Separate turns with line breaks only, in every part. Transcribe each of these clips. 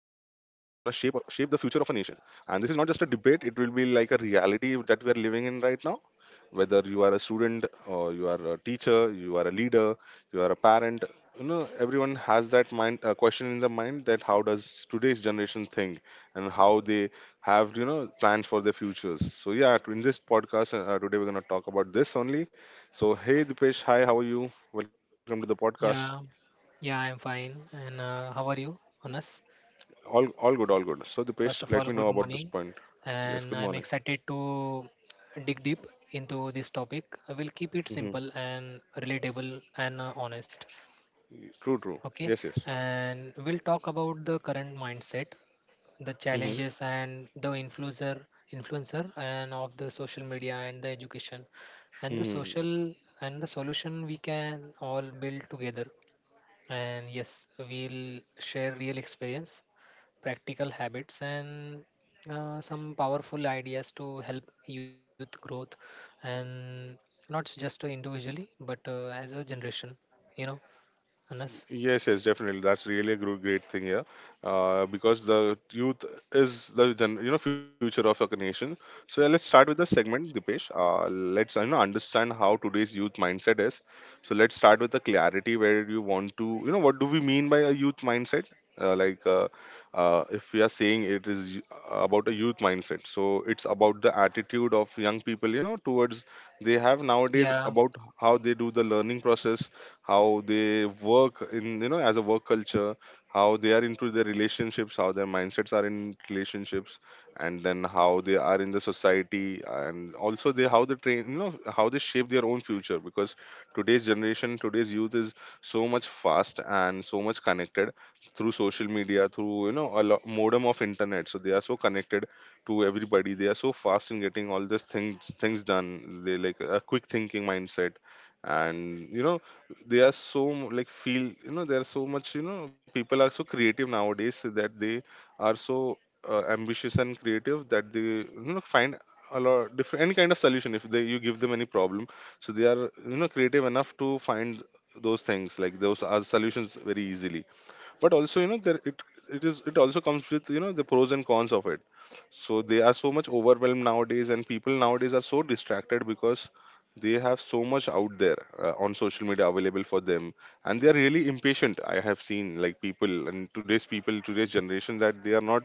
future of a nation. And this is not just a debate; it will be like a reality that we are living in right now, whether you are a student, or you are a teacher, you are a leader, you are a parent, everyone has that mind question in the mind that how does today's generation think, and how they have plans for their futures. So yeah, in this podcast, today we're going to talk about this only. So hey Dipesh, hi, how are you? Welcome to the podcast.
Yeah, yeah, I'm fine. And how are you, honest?
All good, all good. So Dipesh,
First
let
of
me
all,
know
good
about this
morning.
point. Yes,
And
good
I'm
morning.
excited to dig deep into this topic. I will keep it
Hmm.
simple and relatable and honest.
True, true.
Okay.
Yes, yes.
And we'll talk about the current mindset, the
Hmm.
challenges, and the influencer, and of the social media and the education, and the
Hmm.
social and the solution we can all build together. And yes, we'll share real experience, practical habits, and some powerful ideas to help youth growth, and not just individually, but as a generation. You know, Anas.
Yes, yes, definitely. That's really a great thing here, because the youth is the future of our nation. So yeah, let's start with the segment, Dipesh. Let's understand how today's youth mindset is. So let's start with the clarity, where you want to, what do we mean by a youth mindset? Uh, like uh, if we are saying it is about a youth mindset, so it's about the attitude of young people, towards they have nowadays,
Yeah.
about how they do the learning process, how they work in, as a work culture, how they are into their relationships, how their mindsets are in relationships, and then how they are in the society, and also they how they train, how they shape their own future. Because today's youth is so much fast and so much connected through social media, through, a lot modem of internet, so they are so connected to everybody. They are so fast in getting all these things done. They like a quick thinking mindset, and they are so mu- like feel you know there are so much, people are so creative nowadays that they are so ambitious and creative, that they find a lot different any kind of solution if they you give them any problem. So they are, creative enough to find those things, like those are solutions, very easily. But also, you know there it it is it also comes with, the pros and cons of it. So they are so much overwhelmed nowadays, and people nowadays are so distracted because they have so much out there, on social media available for them. And they are really impatient. I have seen like people, and today's generation, that they are not,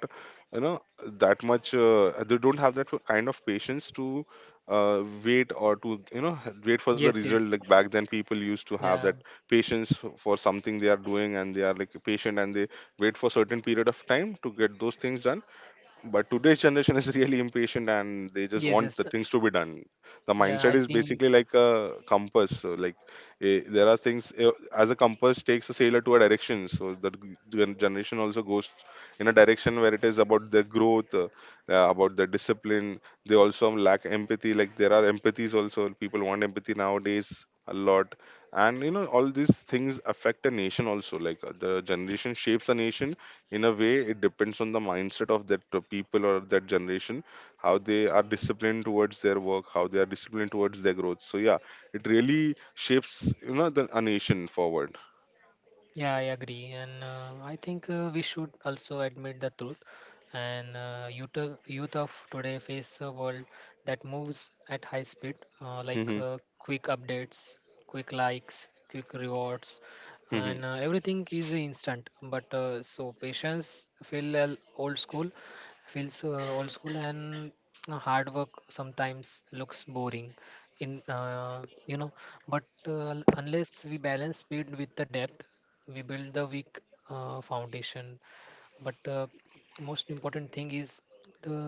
you know that much, they don't have that kind of patience to, wait or to, wait for the
Yes.
result.
Yes.
Like back then, people used to have that
Yeah.
patience for something they are doing, and they are like patient, and they wait for certain period of time to get those things done. But today's generation is really impatient, and they just
Yes.
want the
Yes.
things to be done. The
Yeah,
mindset
I
is
seen.
basically like a compass. So like, eh, there are things eh, as a compass takes a sailor to a direction, so the generation also goes in a direction where it is about their growth, about their discipline. They also lack empathy. Like there are empathies also, people want empathy nowadays a lot. And all these things affect a nation also. Like, the generation shapes a nation in a way. It depends on the mindset of that, people or that generation, how they are disciplined towards their work, how they are disciplined towards their growth. So yeah, it really shapes, a nation forward.
Yeah, I agree, and I think we should also admit the truth. And youth of today face a world that moves at high speed,
Hmm.
quick updates, quick likes, quick rewards, and everything is instant. But so patience feel old school, feels old school, and hard work sometimes looks boring. In you know, but unless we balance speed with the depth, we build the weak foundation, but most important thing is the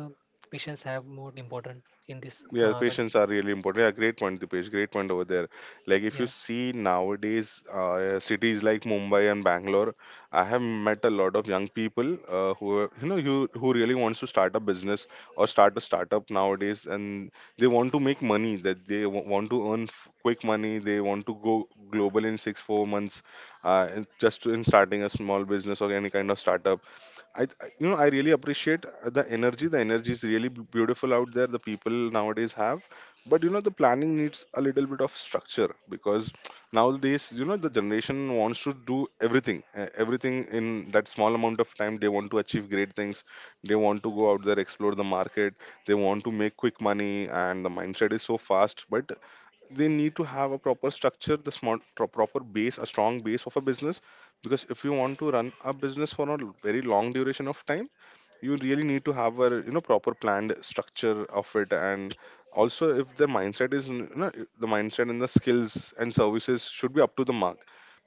patients have more important in this
Yeah, patients are really important. Yeah, great point, Dipesh. Great point over there. Like if you
yeah
see nowadays, cities like Mumbai and Bangalore, I have met a lot of young people, who are, you know who really wants to start a business or start a startup nowadays, and they want to make money. That they want to earn quick money. They want to go global in 6 4 months, and just in starting a small business or any kind of startup. I really appreciate the energy. The energy is really beautiful out there, the people nowadays have. But the planning needs a little bit of structure, because nowadays, the generation wants to do everything in that small amount of time. They want to achieve great things. They want to go out there, explore the market. They want to make quick money, and the mindset is so fast. But they need to have a proper structure, the smart proper base, a strong base of a business. Because if you want to run a business for a very long duration of time, you really need to have a, proper planned structure of it. And also, if the mindset is n- you know, the mindset and the skills and services should be up to the mark.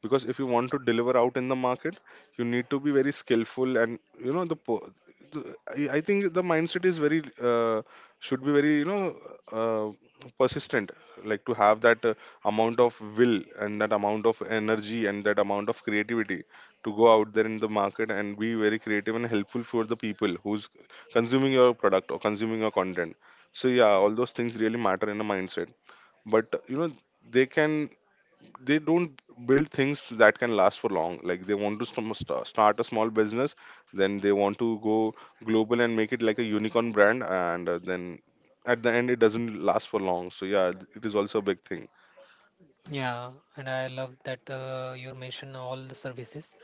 Because if you want to deliver out in the market, you need to be very skillful. And you know the, po- the I think the mindset is very, uh, should be very, uh, persistent. Like, to have that amount of will, and that amount of energy, and that amount of creativity, to go out there in the market and be very creative and helpful for the people who's consuming your product or consuming your content. So yeah, all those things really matter in a mindset. But they can they don't build things that can last for long. Like, they want to start a small business, then they want to go global and make it like a unicorn brand, and then at the end, it doesn't last for long. So yeah, it is also a big
Yeah, and I love that you mentioned all the services.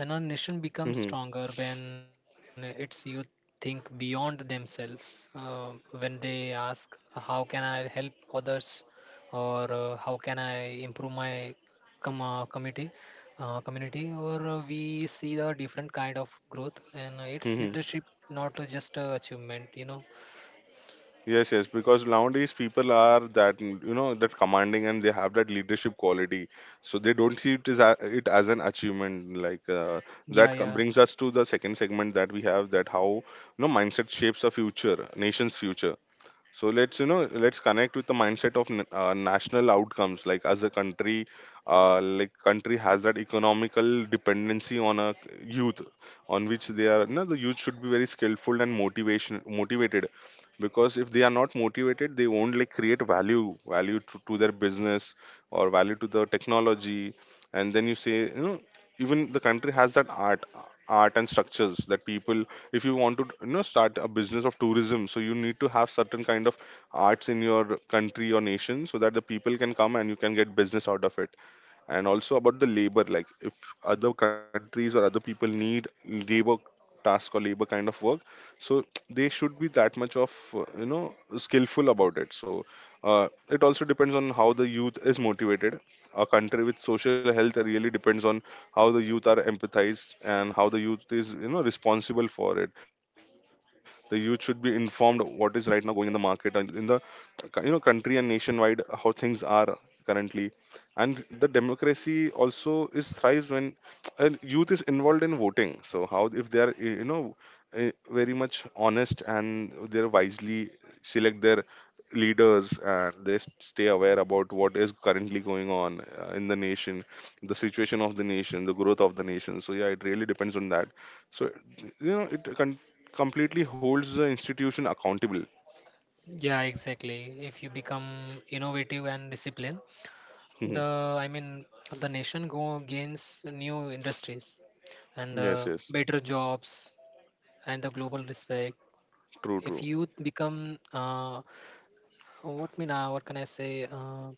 And our nation becomes
thing.
stronger when its youth think beyond themselves, when they ask, "How can I help others?" or "How can I improve my community?" Community or we see a different kind of growth and it's
Hmm.
leadership, not just a achievement, you know.
Yes, yes, because nowadays people are that, that commanding, and they have that leadership quality, so they don't see it as it as an achievement. Like,
Yeah,
that
yeah.
brings us to the second segment that we have, that how, mindset shapes a future, nation's future. So let's, let's connect with the mindset of national outcomes. Like as a country, like country has that economical dependency on a youth, on which they are. No, the youth should be very skillful and motivation motivated, because if they are not motivated, they won't like create value to their business, or value to the technology. And then you say, even the country has that art and structures. That people, if you want to, start a business of tourism, so you need to have certain kind of arts in your country or nation, so that the people can come and you can get business out of it. And also about the labor, like if other countries or other people need labor task or labor kind of work, so they should be that much of, skillful about it. So it also depends on how the youth is motivated. A country with social health really depends on how the youth are empathized, and how the youth is, responsible for it. The youth should be informed what is right now going in the market, and in the, country and nationwide, how things are currently. And the democracy also is thrives when and youth is involved in voting. So how, if they are, very much honest, and they're wisely select their leaders, and they stay aware about what is currently going on, in the nation, the situation of the nation, the growth of the nation. So yeah, it really depends on that. So, it completely holds the institution accountable.
Yeah, exactly. If you become innovative and disciplined,
Mhm.
the I mean the nation go gains new industries and
Yes, yes.
better jobs and the global respect. If
True, true.
youth become what mean what can I say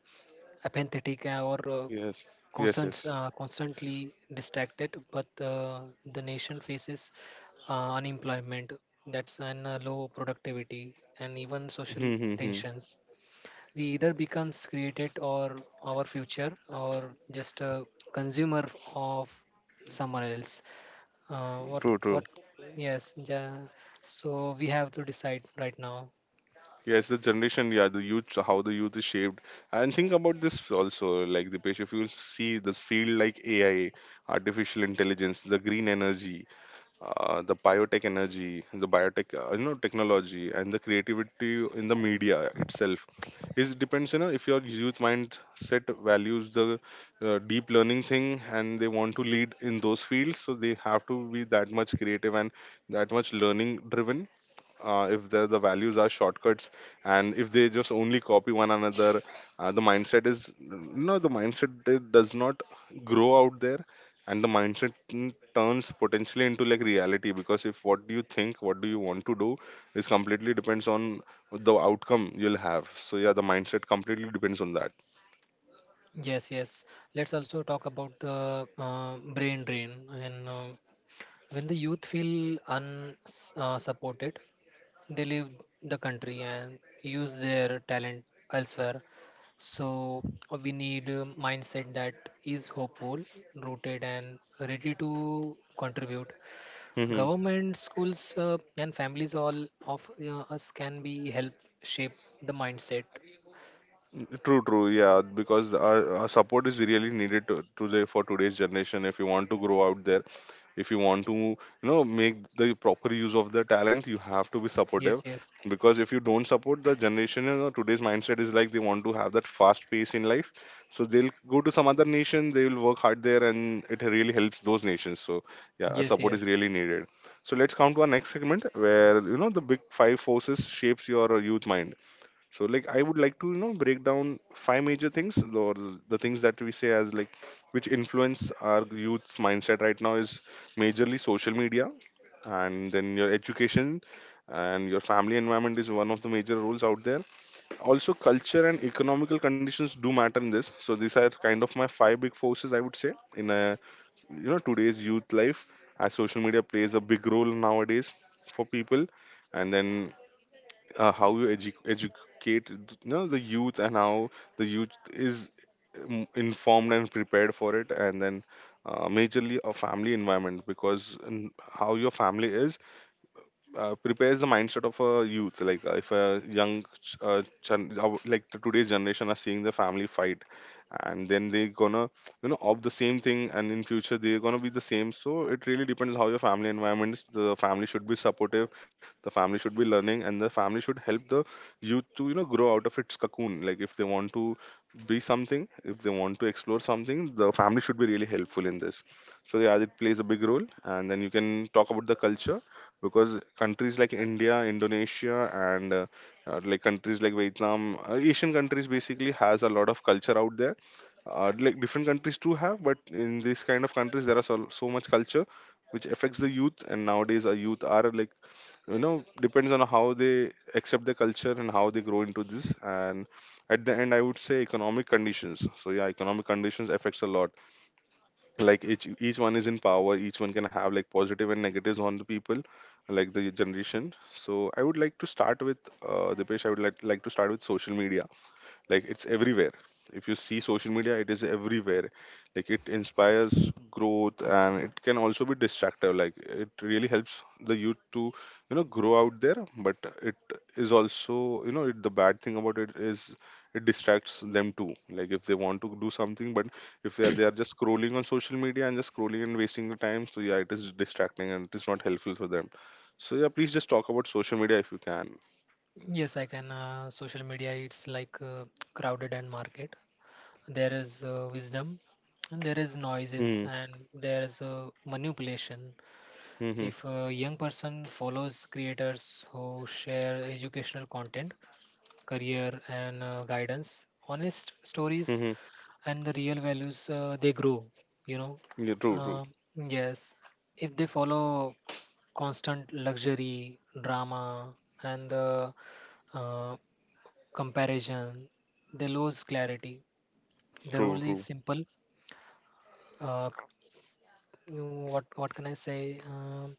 apathetic or
Yes, yes,
constant,
yes.
constantly distracted, but the nation faces unemployment, that's, and low productivity and even social
Mhm, mhm, mhm.
tensions. We either becomes created or our future or just a consumer of someone else,
True, true.
what yes, ja, so we have to decide right now.
Yes, the generation, yeah, the youth, so how the youth is shaped. And think about this also, like the Dipesh, if you see this field like AI, artificial intelligence, the green energy, the biotech, technology, and the creativity in the media itself. It depends, you know, if your youth mindset values the deep learning thing and they want to lead in those fields, so they have to be that much creative and that much learning driven. Uh, if the values are shortcuts and if they just only copy one another, the mindset is no, the does not grow out there. And the mindset turns potentially into like reality, because if what do you think what do you want to do is completely depends on the outcome you'll have. So yeah, the mindset completely depends on
Yes, yes. Let's also talk about the brain drain and when the youth feel unsupported supported, they leave the country and use their talent elsewhere. So we need a mindset that is hopeful, rooted, and ready to contribute.
that.
Government, schools, and families all of us can be help shape the mindset.
True, true. Yeah, because our support is really needed to, today for today's generation. If you want to grow out there, if you want to, you know, make the proper use of the talent, you have to be
Yes,
supportive.
yes,
Because if you don't support the generation, you know, today's mindset is like they want to have that fast pace in life. So they'll go to some other nation, they will work hard there, and it really helps those nations. So yeah, our
yes,
support
yes,
is really needed. So let's come to our next segment, where you know the big 5 forces shapes your youth mind. So like I would like to, you know, break down 5 major things, or the things that we say as like which influence our youth's mindset right now is majorly social media, and then your education, and your family environment is one of the major roles out there. Also culture and economical conditions do matter in this. So these are kind of my 5 big forces, I would say, in a, you know, today's youth life. As social media plays a big role nowadays for people, and then how you educate, you know, the youth, and how the youth is informed and prepared for it. And then majorly a family environment, because in how your family is, prepares the mindset of a youth. Like if a like the today's generation are seeing the family fight, and then they gonna, you know, of the same thing, and in future they're gonna be the same. So it really depends how your family environment is. The family should be supportive, the family should be learning, and the family should help the youth to, you know, grow out of its cocoon. Like if they want to be something, if they want to explore something, the family should be really helpful in this. So yeah, it plays a big role. And then you can talk about the culture, because countries like India, Indonesia, and like countries like Vietnam, Asian countries, basically has a lot of culture out there. Uh, like different countries do have, but in these kind of countries there are so much culture which affects the youth. And nowadays our youth are like, you know, depends on how they accept the culture and how they grow into this. And at the end I would say economic conditions. So yeah, economic conditions affects a lot. Like each one is in power, each one can have like positive and negatives on the people, like the generation. So I would like to start with, uh, Dipesh. I would like to start with social media. Like it's everywhere. If you see social media, it is everywhere. Like it inspires growth, and it can also be distractive. Like it really helps the youth to, you know, grow out there. But it is also, you know, it, the bad thing about it is it distracts them too. Like if they want to do something, but if they are just scrolling on social media and just scrolling and wasting the time. So yeah, it is distracting and it is not helpful for them. So yeah, please just talk about social media if you can.
yes. I can. Social media, it's like crowded and market. There is wisdom, and there is noises,
Hmm.
and there is manipulation.
Hmm.
If a young person follows creators who share educational content, career, and guidance, honest
Hmm.
stories,
Hmm.
and the real values, they grow, you know.
Yeah, true. True,
Um yes, if they follow constant luxury, drama, and the uh, comparison, they lose clarity. The
true,
rule is
true.
simple. Uh, c- what can I say?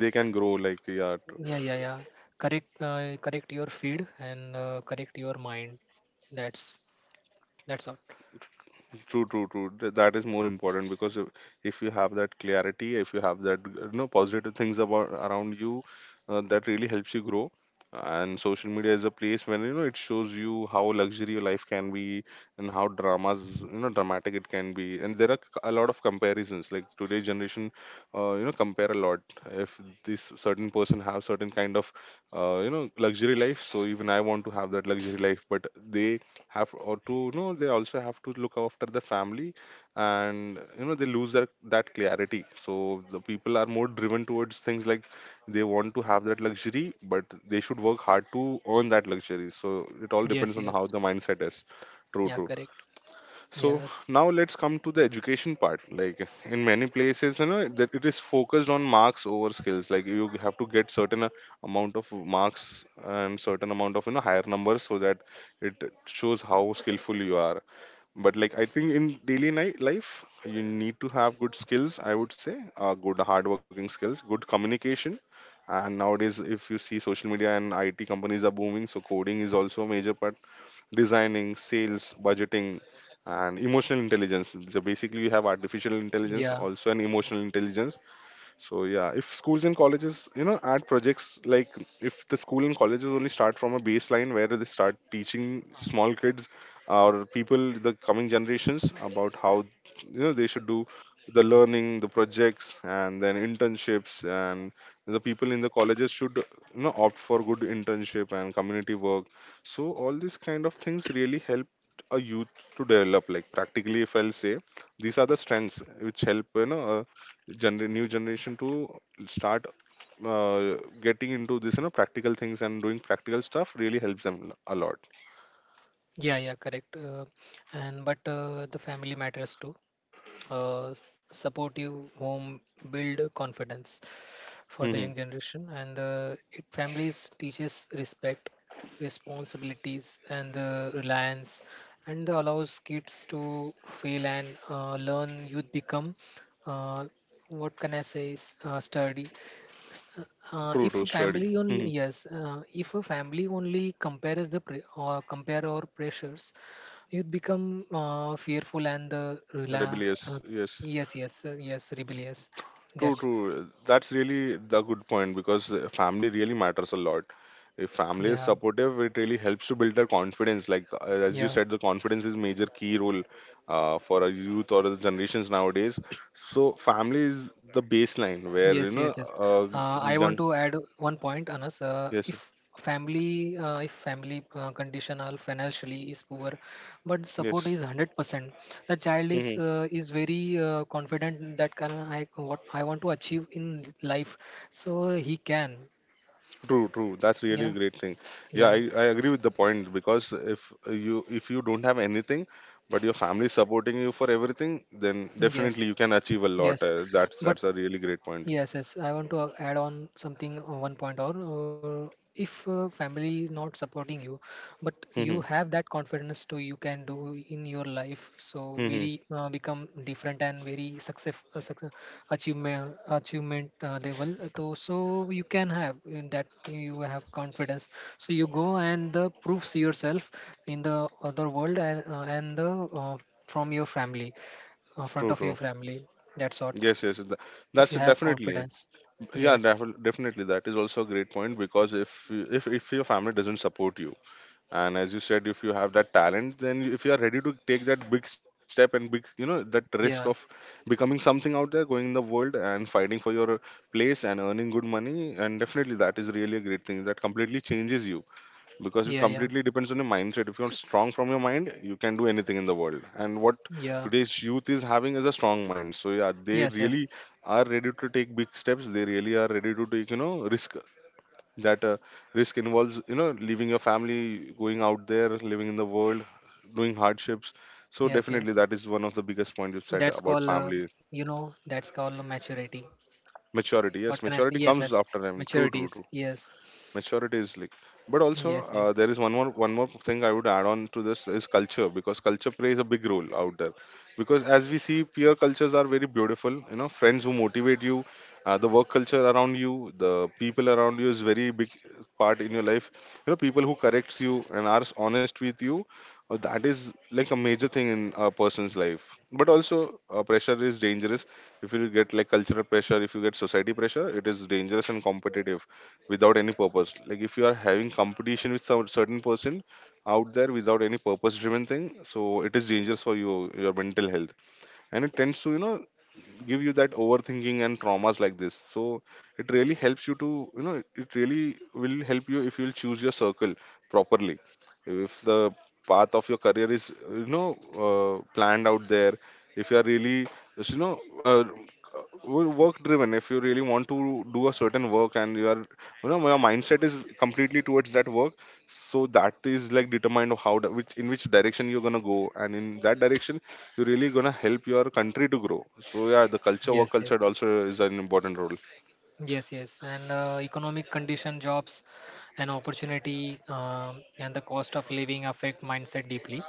They can grow, like, yeah.
Yeah, yeah, yeah. Correct, correct your feed and correct your mind. That's that's all.
True, true, true. That is more important, because if you have that clarity, if you have that, you know, positive things about around you, that really helps you grow. And social media is a place when, you know, it shows you how luxury your life can be, and how dramas, you know, dramatic it can be, and there are a lot of comparisons. Like today's generation, you know, compare a lot. If this certain person have certain kind of, you know, luxury life, so even I want to have that luxury life, but they have or to, you know, they also have to look after the family, and you know they lose that clarity. So the people are more driven towards things like they want to have that luxury, but they should work hard to earn that luxury. So it all depends
Yes,
on how
yes.
the mindset is. True,
Yeah,
true.
correct.
So
Yes.
now let's come to the education part. Like in many places, you know, that it is focused on marks over skills. Like you have to get certain amount of marks and certain amount of, you know, higher numbers, so that it shows how skillful you are. But like I think in daily night life you need to have good skills. I would say good hardworking skills, good communication. And nowadays, if you see social media and IT companies are booming, so coding is also a major part, designing, sales, budgeting, and emotional intelligence. So basically, you have artificial intelligence,
Yeah.
also an emotional intelligence. So yeah, if schools and colleges, you know, add projects like if the school and colleges only start from a baseline where they start teaching small kids or people, the coming generations, about how, you know, they should do the learning, the projects, and then internships, and the people in the colleges should, you know, opt for good internship and community work. So all these kind of things really help a youth to develop. Like practically, if I'll say, these are the strengths which help, you know, new generation to start getting into this, you know, practical things, and doing practical stuff really helps them a lot.
Yeah, yeah, correct. And but the family matters too. Uh, supportive home build confidence for the
Hmm.
young generation, and it families teaches respect, responsibilities, and reliance, and allows kids to fail and learn. Youth become uh, what can I say is sturdy.
True,
If
true.
a
Study.
family only
Hmm.
yes If a family only compare our pressures, youth become fearful and the
Rebellious, yes.
rebellious.
True,
That's
true, that's really the good point, because family really matters a lot. If family is
Yeah,
supportive, it really helps to build their confidence. Like as you
yeah.
said, the confidence is major key role for a youth or the generations nowadays. So family is the baseline where you
Yes,
know,
yes, yes.
uh,
I want
young,
to add 1 point, Anas. Uh,
yes.
if family, uh, if family condition or financially is poor, but support
Yes.
is 100%, the child
Hmm.
is very confident that can I what I want to achieve in life, so he can,
True, true. That's
you
really a
know,
great thing. Yeah, I,
yeah,
I agree with the point, because if you, if you don't have anything, but your family is supporting you for everything, then definitely
yes,
you can achieve a lot.
yes.
Uh, that's
But
that's a really great point.
yes, yes. I want to add on something, 1 point or if family not supporting you, but you
Hmm.
have that confidence to you can do in your life. So
Hmm.
very become different and very success achievement level. So so you can have in that you have confidence. So you go and proves yourself in the other world and the from your family, front
True,
of your
true.
family. That's all
Yes, yes.
if
That's
you have
definitely.
confidence.
Yeah,
Yes,
definitely. That is also a great point, because if you, if your family doesn't support you, and as you said, if you have that talent, then if you are ready to take that big step and big, you know, that risk of
yeah,
becoming something out there, going in the world and fighting for your place and earning good money, and definitely that is really a great thing that completely changes you. Because it
yeah, yeah,
completely depends on your mindset. If you're strong from your mind, you can do anything in the world. And what
yeah,
today's youth is having is a strong mind. So yeah, they
yes, yes,
really are ready to take big steps. They really are ready to take, you know, risk. That risk involves, you know, leaving your family, going out there, living in the world, doing hardships. So
yes,
definitely
yes.
that is one of the biggest points you said
that's
about
called uh,
family.
that's called maturity.
Maturity,
What
yes,
can I say
maturity
Yes,
comes
yes,
after time. True, true,
maturities.
true.
Yes,
Maturity is like, but also,
yes, yes,
there is one more thing I would add on to this is culture, because culture plays a big role out there. Because as we see, peer cultures are very beautiful. You know, friends who motivate you, the work culture around you, the people around you is very big part in your life. You know, people who corrects you and are honest with you, that is like a major thing in a person's life. But also pressure is dangerous. If you get like cultural pressure, if you get society pressure, it is dangerous. And competitive without any purpose, like if you are having competition with some certain person out there without any purpose driven thing, so it is dangerous for you, your mental health. And it tends to, you know, give you that overthinking and traumas like this. So it really helps you to, you know, it really will help you if you will choose your circle properly. If the path of your career is, you know, planned out there, if you are really, you know, work driven, if you really want to do a certain work, and you are, you know, your mindset is completely towards that work. So that is like determined of how which in which direction you're gonna go, and in that direction you're really gonna help your country to grow. So yeah, the culture, work
yes,
culture
yes.
also is an important role.
Yes, yes. And economic condition, jobs, and opportunity, and the cost of living affect mindset deeply.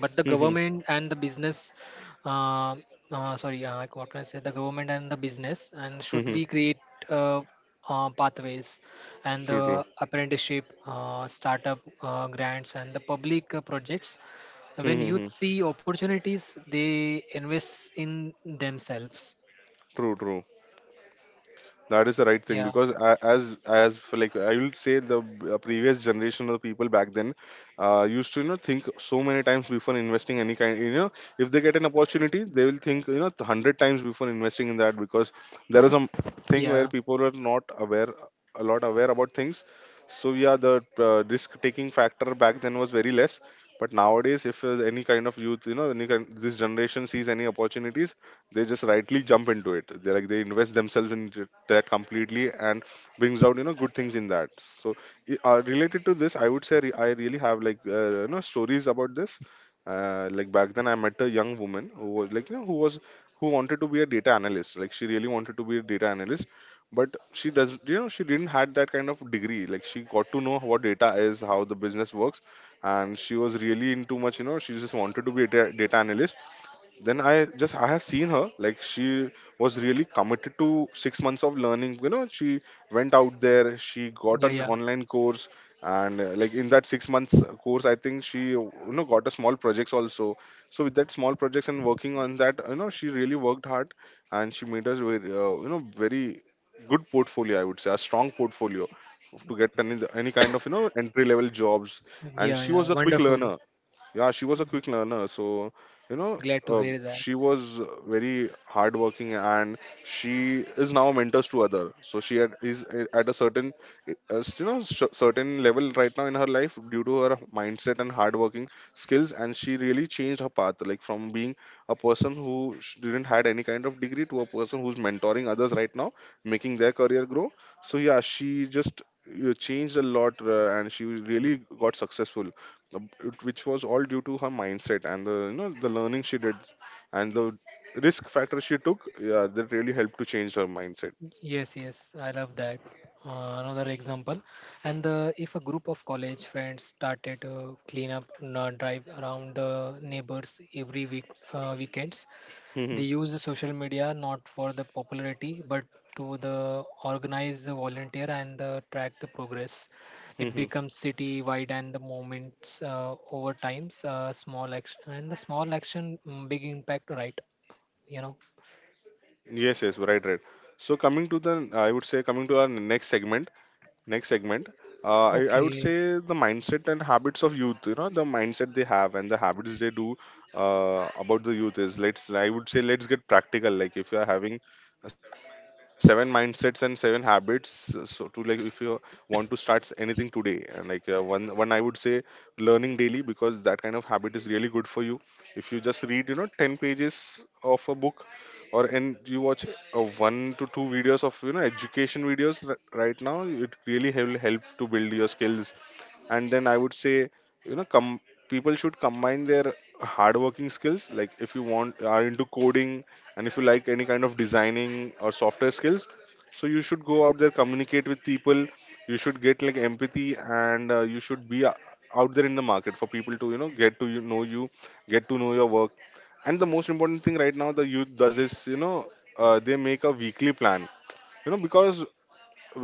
But the government and the business, uh, sorry, like what can I say? The government and the business and should be create uh, pathways and
True, true.
the apprenticeship, startup grants, and the public projects. When youth see opportunities, they invest in themselves.
True, true. That is the right thing
Yeah,
because as for like I will say the previous generation of people back then used to, you know, think so many times before investing any kind, you know. If they get an opportunity they will think, you know, 100 times before investing in that, because there is a thing where
yeah,
people are not aware, a lot aware about things. So yeah, the risk taking factor back then was very less. But nowadays if any kind of youth, you know, any kind this generation sees any opportunities, they just rightly jump into it. They like they invest themselves that completely, and brings out, you know, good things in that. So related to this I would say, I really have, like, you know, stories about this. Like back then I met a young woman who was like, you know, who was, who wanted to be a data analyst. Like she really wanted to be a data analyst, but she does, you know, she didn't had that kind of degree. Like she got to know what data is, how the business works, and she was really into much, you know, she just wanted to be a data analyst. Then I just, I have seen her, like she was really committed to 6 months of learning. You know, she went out there, she got
yeah,
an
yeah.
online course, and like in that 6 months course I think she, you know, got a small projects also. So with that small projects and working on that, you know, she really worked hard, and she made us very, you know, very good portfolio, I would say a strong portfolio, to get any kind of, you know, entry level jobs. And
Yeah,
she
yeah,
was a quick
wonderful.
learner. Yeah, she was a quick learner. So, you know,
Glad to hear that.
she was very hardworking, and she is now mentors to other. So she had, is eh, at a certain, you know, certain level right now in her life due to her mindset and hardworking skills. And she really changed her path, like from being a person who didn't had any kind of degree to a person who's mentoring others right now, making their career grow. So yeah, she just changed a lot, and she really got successful. Which was all due to her mindset and the, you know, the learning she did, and the risk factor she took. Yeah, that really helped to change her mindset.
Yes, yes, I love that. Another example, and the, if a group of college friends started a cleanup drive around the neighbors every weekends, they
Hmm.
use the social media not for the popularity but to the organize the volunteer and the track the progress. It
Hmm.
becomes city wide and the moments over times small action, big impact, right, you know.
Yes, yes, right, right. So coming to the, I would say coming to our next segment, next segment. I would
Okay.
say the mindset and habits of youth. You know, the mindset they have and the habits they do about the youth is, let's, I would say, let's get practical. Like if you are having seven mindsets and seven habits, so to like if you want to start anything today, and like, one, I would say learning daily, because that kind of habit is really good for you. If you just read, you know, 10 pages of a book, or and you watch a one to two videos of, you know, education videos, right now, it really will help to build your skills. And then I would say, you know, come, people should combine their hardworking skills. Like if you want are into coding, and if you like any kind of designing or software skills, so you should go out there, communicate with people. You should get like empathy, and you should be out there in the market for people to, you know, get to, you know, you get to know your work. And the most important thing right now the youth does is, you know, they make a weekly plan. You know, because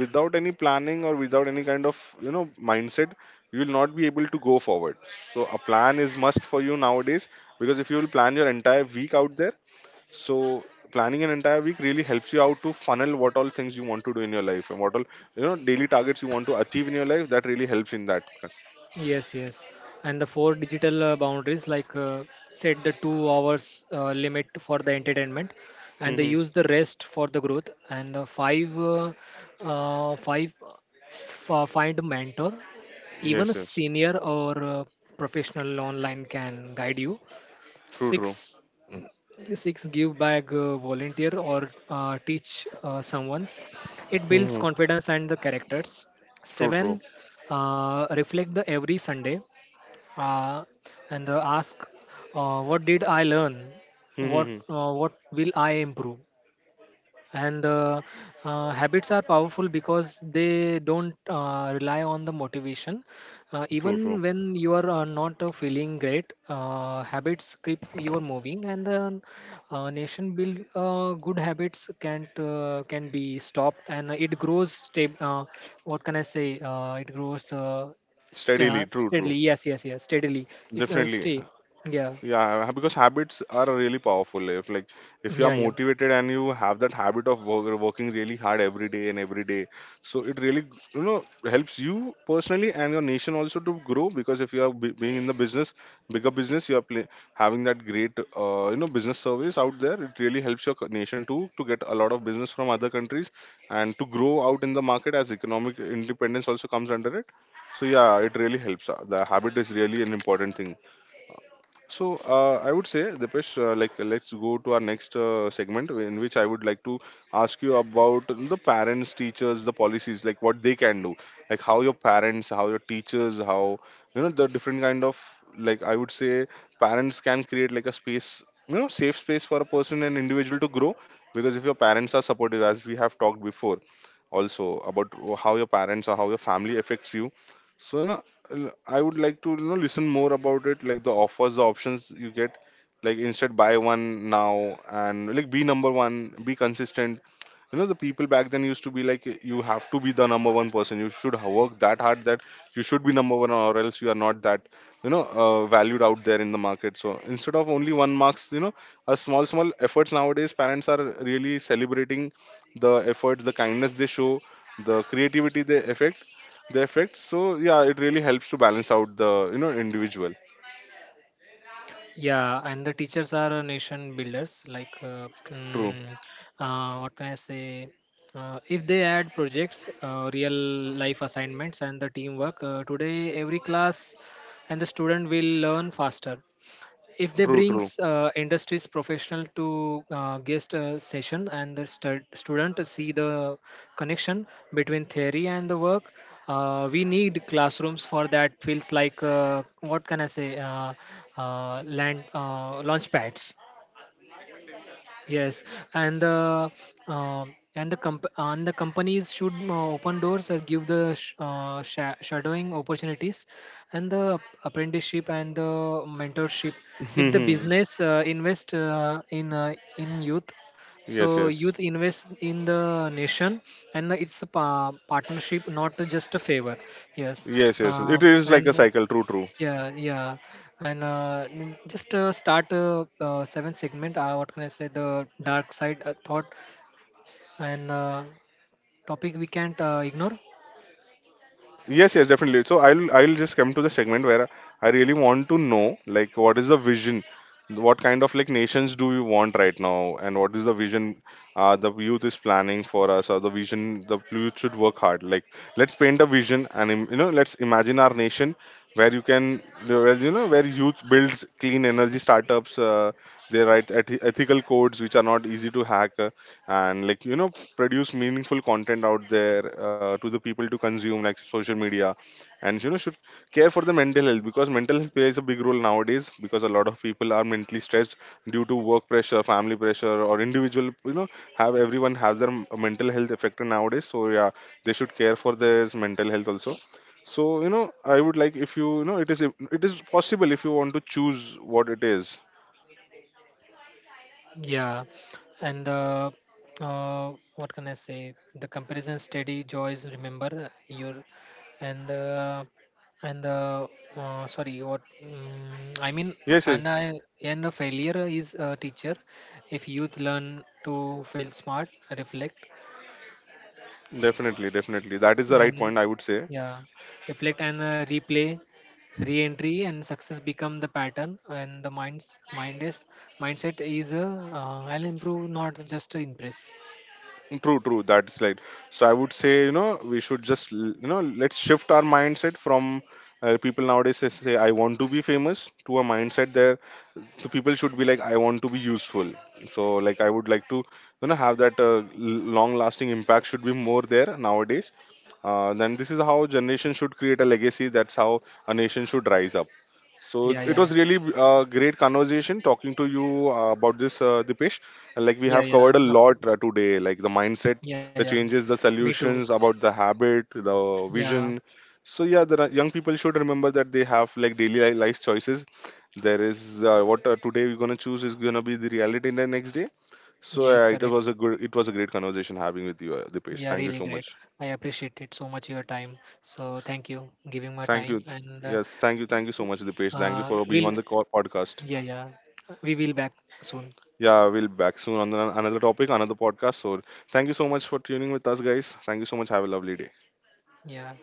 without any planning or without any kind of, you know, mindset, you will not be able to go forward. So a plan is must for you nowadays. Because if you will plan your entire week out there, so planning an entire week really helps you out to funnel what all things you want to do in your life, and what all, you know, daily targets you want to achieve in your life. That really helps in that.
Yes, yes, and the four digital boundaries like set the 2 hours limit for the entertainment, and they
Mhm.
use the rest for the growth. And the five, find a mentor, even
Yes,
a
yes,
senior or professional online can guide you.
true, true.
Six six give back, volunteer or teach someone's; it builds
Mhm.
confidence and the characters.
True,
Seven,
true.
reflect the every Sunday, uh, and ask what did I learn,
Mhm.
what will I improve. And habits are powerful because they don't rely on the motivation. Uh,
True, true.
even when you are not feeling great, habits keep you moving, and the nation build good habits can't can be stopped and it grows stab- what can I say it grows
Steadily,
st-
true, true.
steadily. Yes Steadily. It's
Definitely.
Stay. Yeah,
Yeah, because habits are really powerful. If like if you are
yeah, yeah.
motivated and you have that habit of work, working really hard every day and every day, so it really, you know, helps you personally and your nation also to grow. Because if you are being in the business, bigger business, you are play, having that great, you know, business service out there, it really helps your nation to get a lot of business from other countries, and to grow out in the market, as economic independence also comes under it. So yeah, it really helps. The habit is really an important thing. So I would say, Dipesh, like let's go to our next segment, in which I would like to ask you about the parents, teachers, the policies, like what they can do. Like how your parents, how your teachers, how, you know, the different kind of, like I would say, parents can create like a space, you know, safe space for a person and individual to grow. Because if your parents are supportive, as we have talked before, also about how your parents or how your family affects you. So you know, I would like to, you know, listen more about it, like the offers, the options you get. Like instead buy one now, and like be number one, be consistent. You know the people back then used to be like, you have to be the number one person. You should work that hard that you should be number one, or else you are not that, you know, valued out there in the market. So instead of only one marks, you know, a small small efforts nowadays, parents are really celebrating the efforts, the kindness they show, the creativity they affect, the effect. So yeah, it really helps to balance out the, you know, individual.
Yeah, and the teachers are nation builders. Like,
True,
mm, what can I say? If they add projects, real life assignments, and the teamwork, today every class and the student will learn faster. If they
true, true.
brings industries professional to guest session and the student see the connection between theory and the work, we need classrooms for that feels like what can I say land launch pads. Yes, and the and the companies should open doors or give the shadowing opportunities, and the apprenticeship and the mentorship. If the business invest in youth,
Yes,
so youth
yes.
invest in the nation, and it's a partnership, not just a favor. Yes,
Yes, yes, it is
and
like a cycle, true, true.
yeah, yeah, and just start a seventh segment. What can I say? The dark side thought and topic we can't ignore.
Yes, yes, definitely. So I'll just come to the segment where I really want to know like what is the vision, what kind of like nations do we want right now, and what is the vision the youth is planning for us, or the vision the youth should work hard. Like let's paint a vision, and, you know, let's imagine our nation where you can, where, you know, where youth builds clean energy startups. They write ethical codes which are not easy to hack, and like, you know, produce meaningful content out there to the people to consume, like social media, and, you know, should care for the mental health. Because mental health plays a big role nowadays, because a lot of people are mentally stressed due to work pressure, family pressure, or individual, you know, have, everyone has their mental health affected nowadays. So yeah, they should care for their mental health also. So you know, I would like, if you, you know, it is, it is possible if you want to choose what it is.
Yeah, and what can I say? The comparison steady joys. Remember your and uh, and sorry what I mean
Yes, yes.
and I and a failure is a teacher. If youth learn to fail smart, reflect,
Definitely, definitely, that is the right
and
point, I would say.
yeah, reflect and replay, re-entry and success become the pattern and the mind's mind is mindset is I'll improve, not just to impress.
True, true. That's right. So I would say, you know, we should just, you know, let's shift our mindset from, people nowadays say, I want to be famous, to a mindset there. So people should be like, I want to be useful. So like, I would like to, you know, have that, long lasting impact should be more there nowadays. Then this is how generation should create a legacy. That's how a nation should rise up. So
Yeah,
it
yeah,
was really a great conversation talking to you about this, Dipesh. And like we
yeah,
have
yeah
covered a
Up-
lot today, like the mindset,
yeah yeah
the changes, the
Me too.
solutions about the habit, the
Yeah.
vision. So yeah, the young people should remember that they have like daily life choices. There is what today we're gonna choose is gonna be the reality in the next day. So
Yes,
it
correct.
was a good, it was a great conversation having with you, Dipesh.
Yeah,
Thank you
really
so
great.
much.
I appreciate it so much your time. So thank you giving my
Thank you.
time and
Yes, thank you so much, Dipesh. Thank you for being
we'll
on the podcast.
yeah, yeah, we will back soon.
Yeah, we'll back soon on another topic, another podcast. So thank you so much for tuning with us, guys. Thank you so much. Have a lovely day.
Yeah.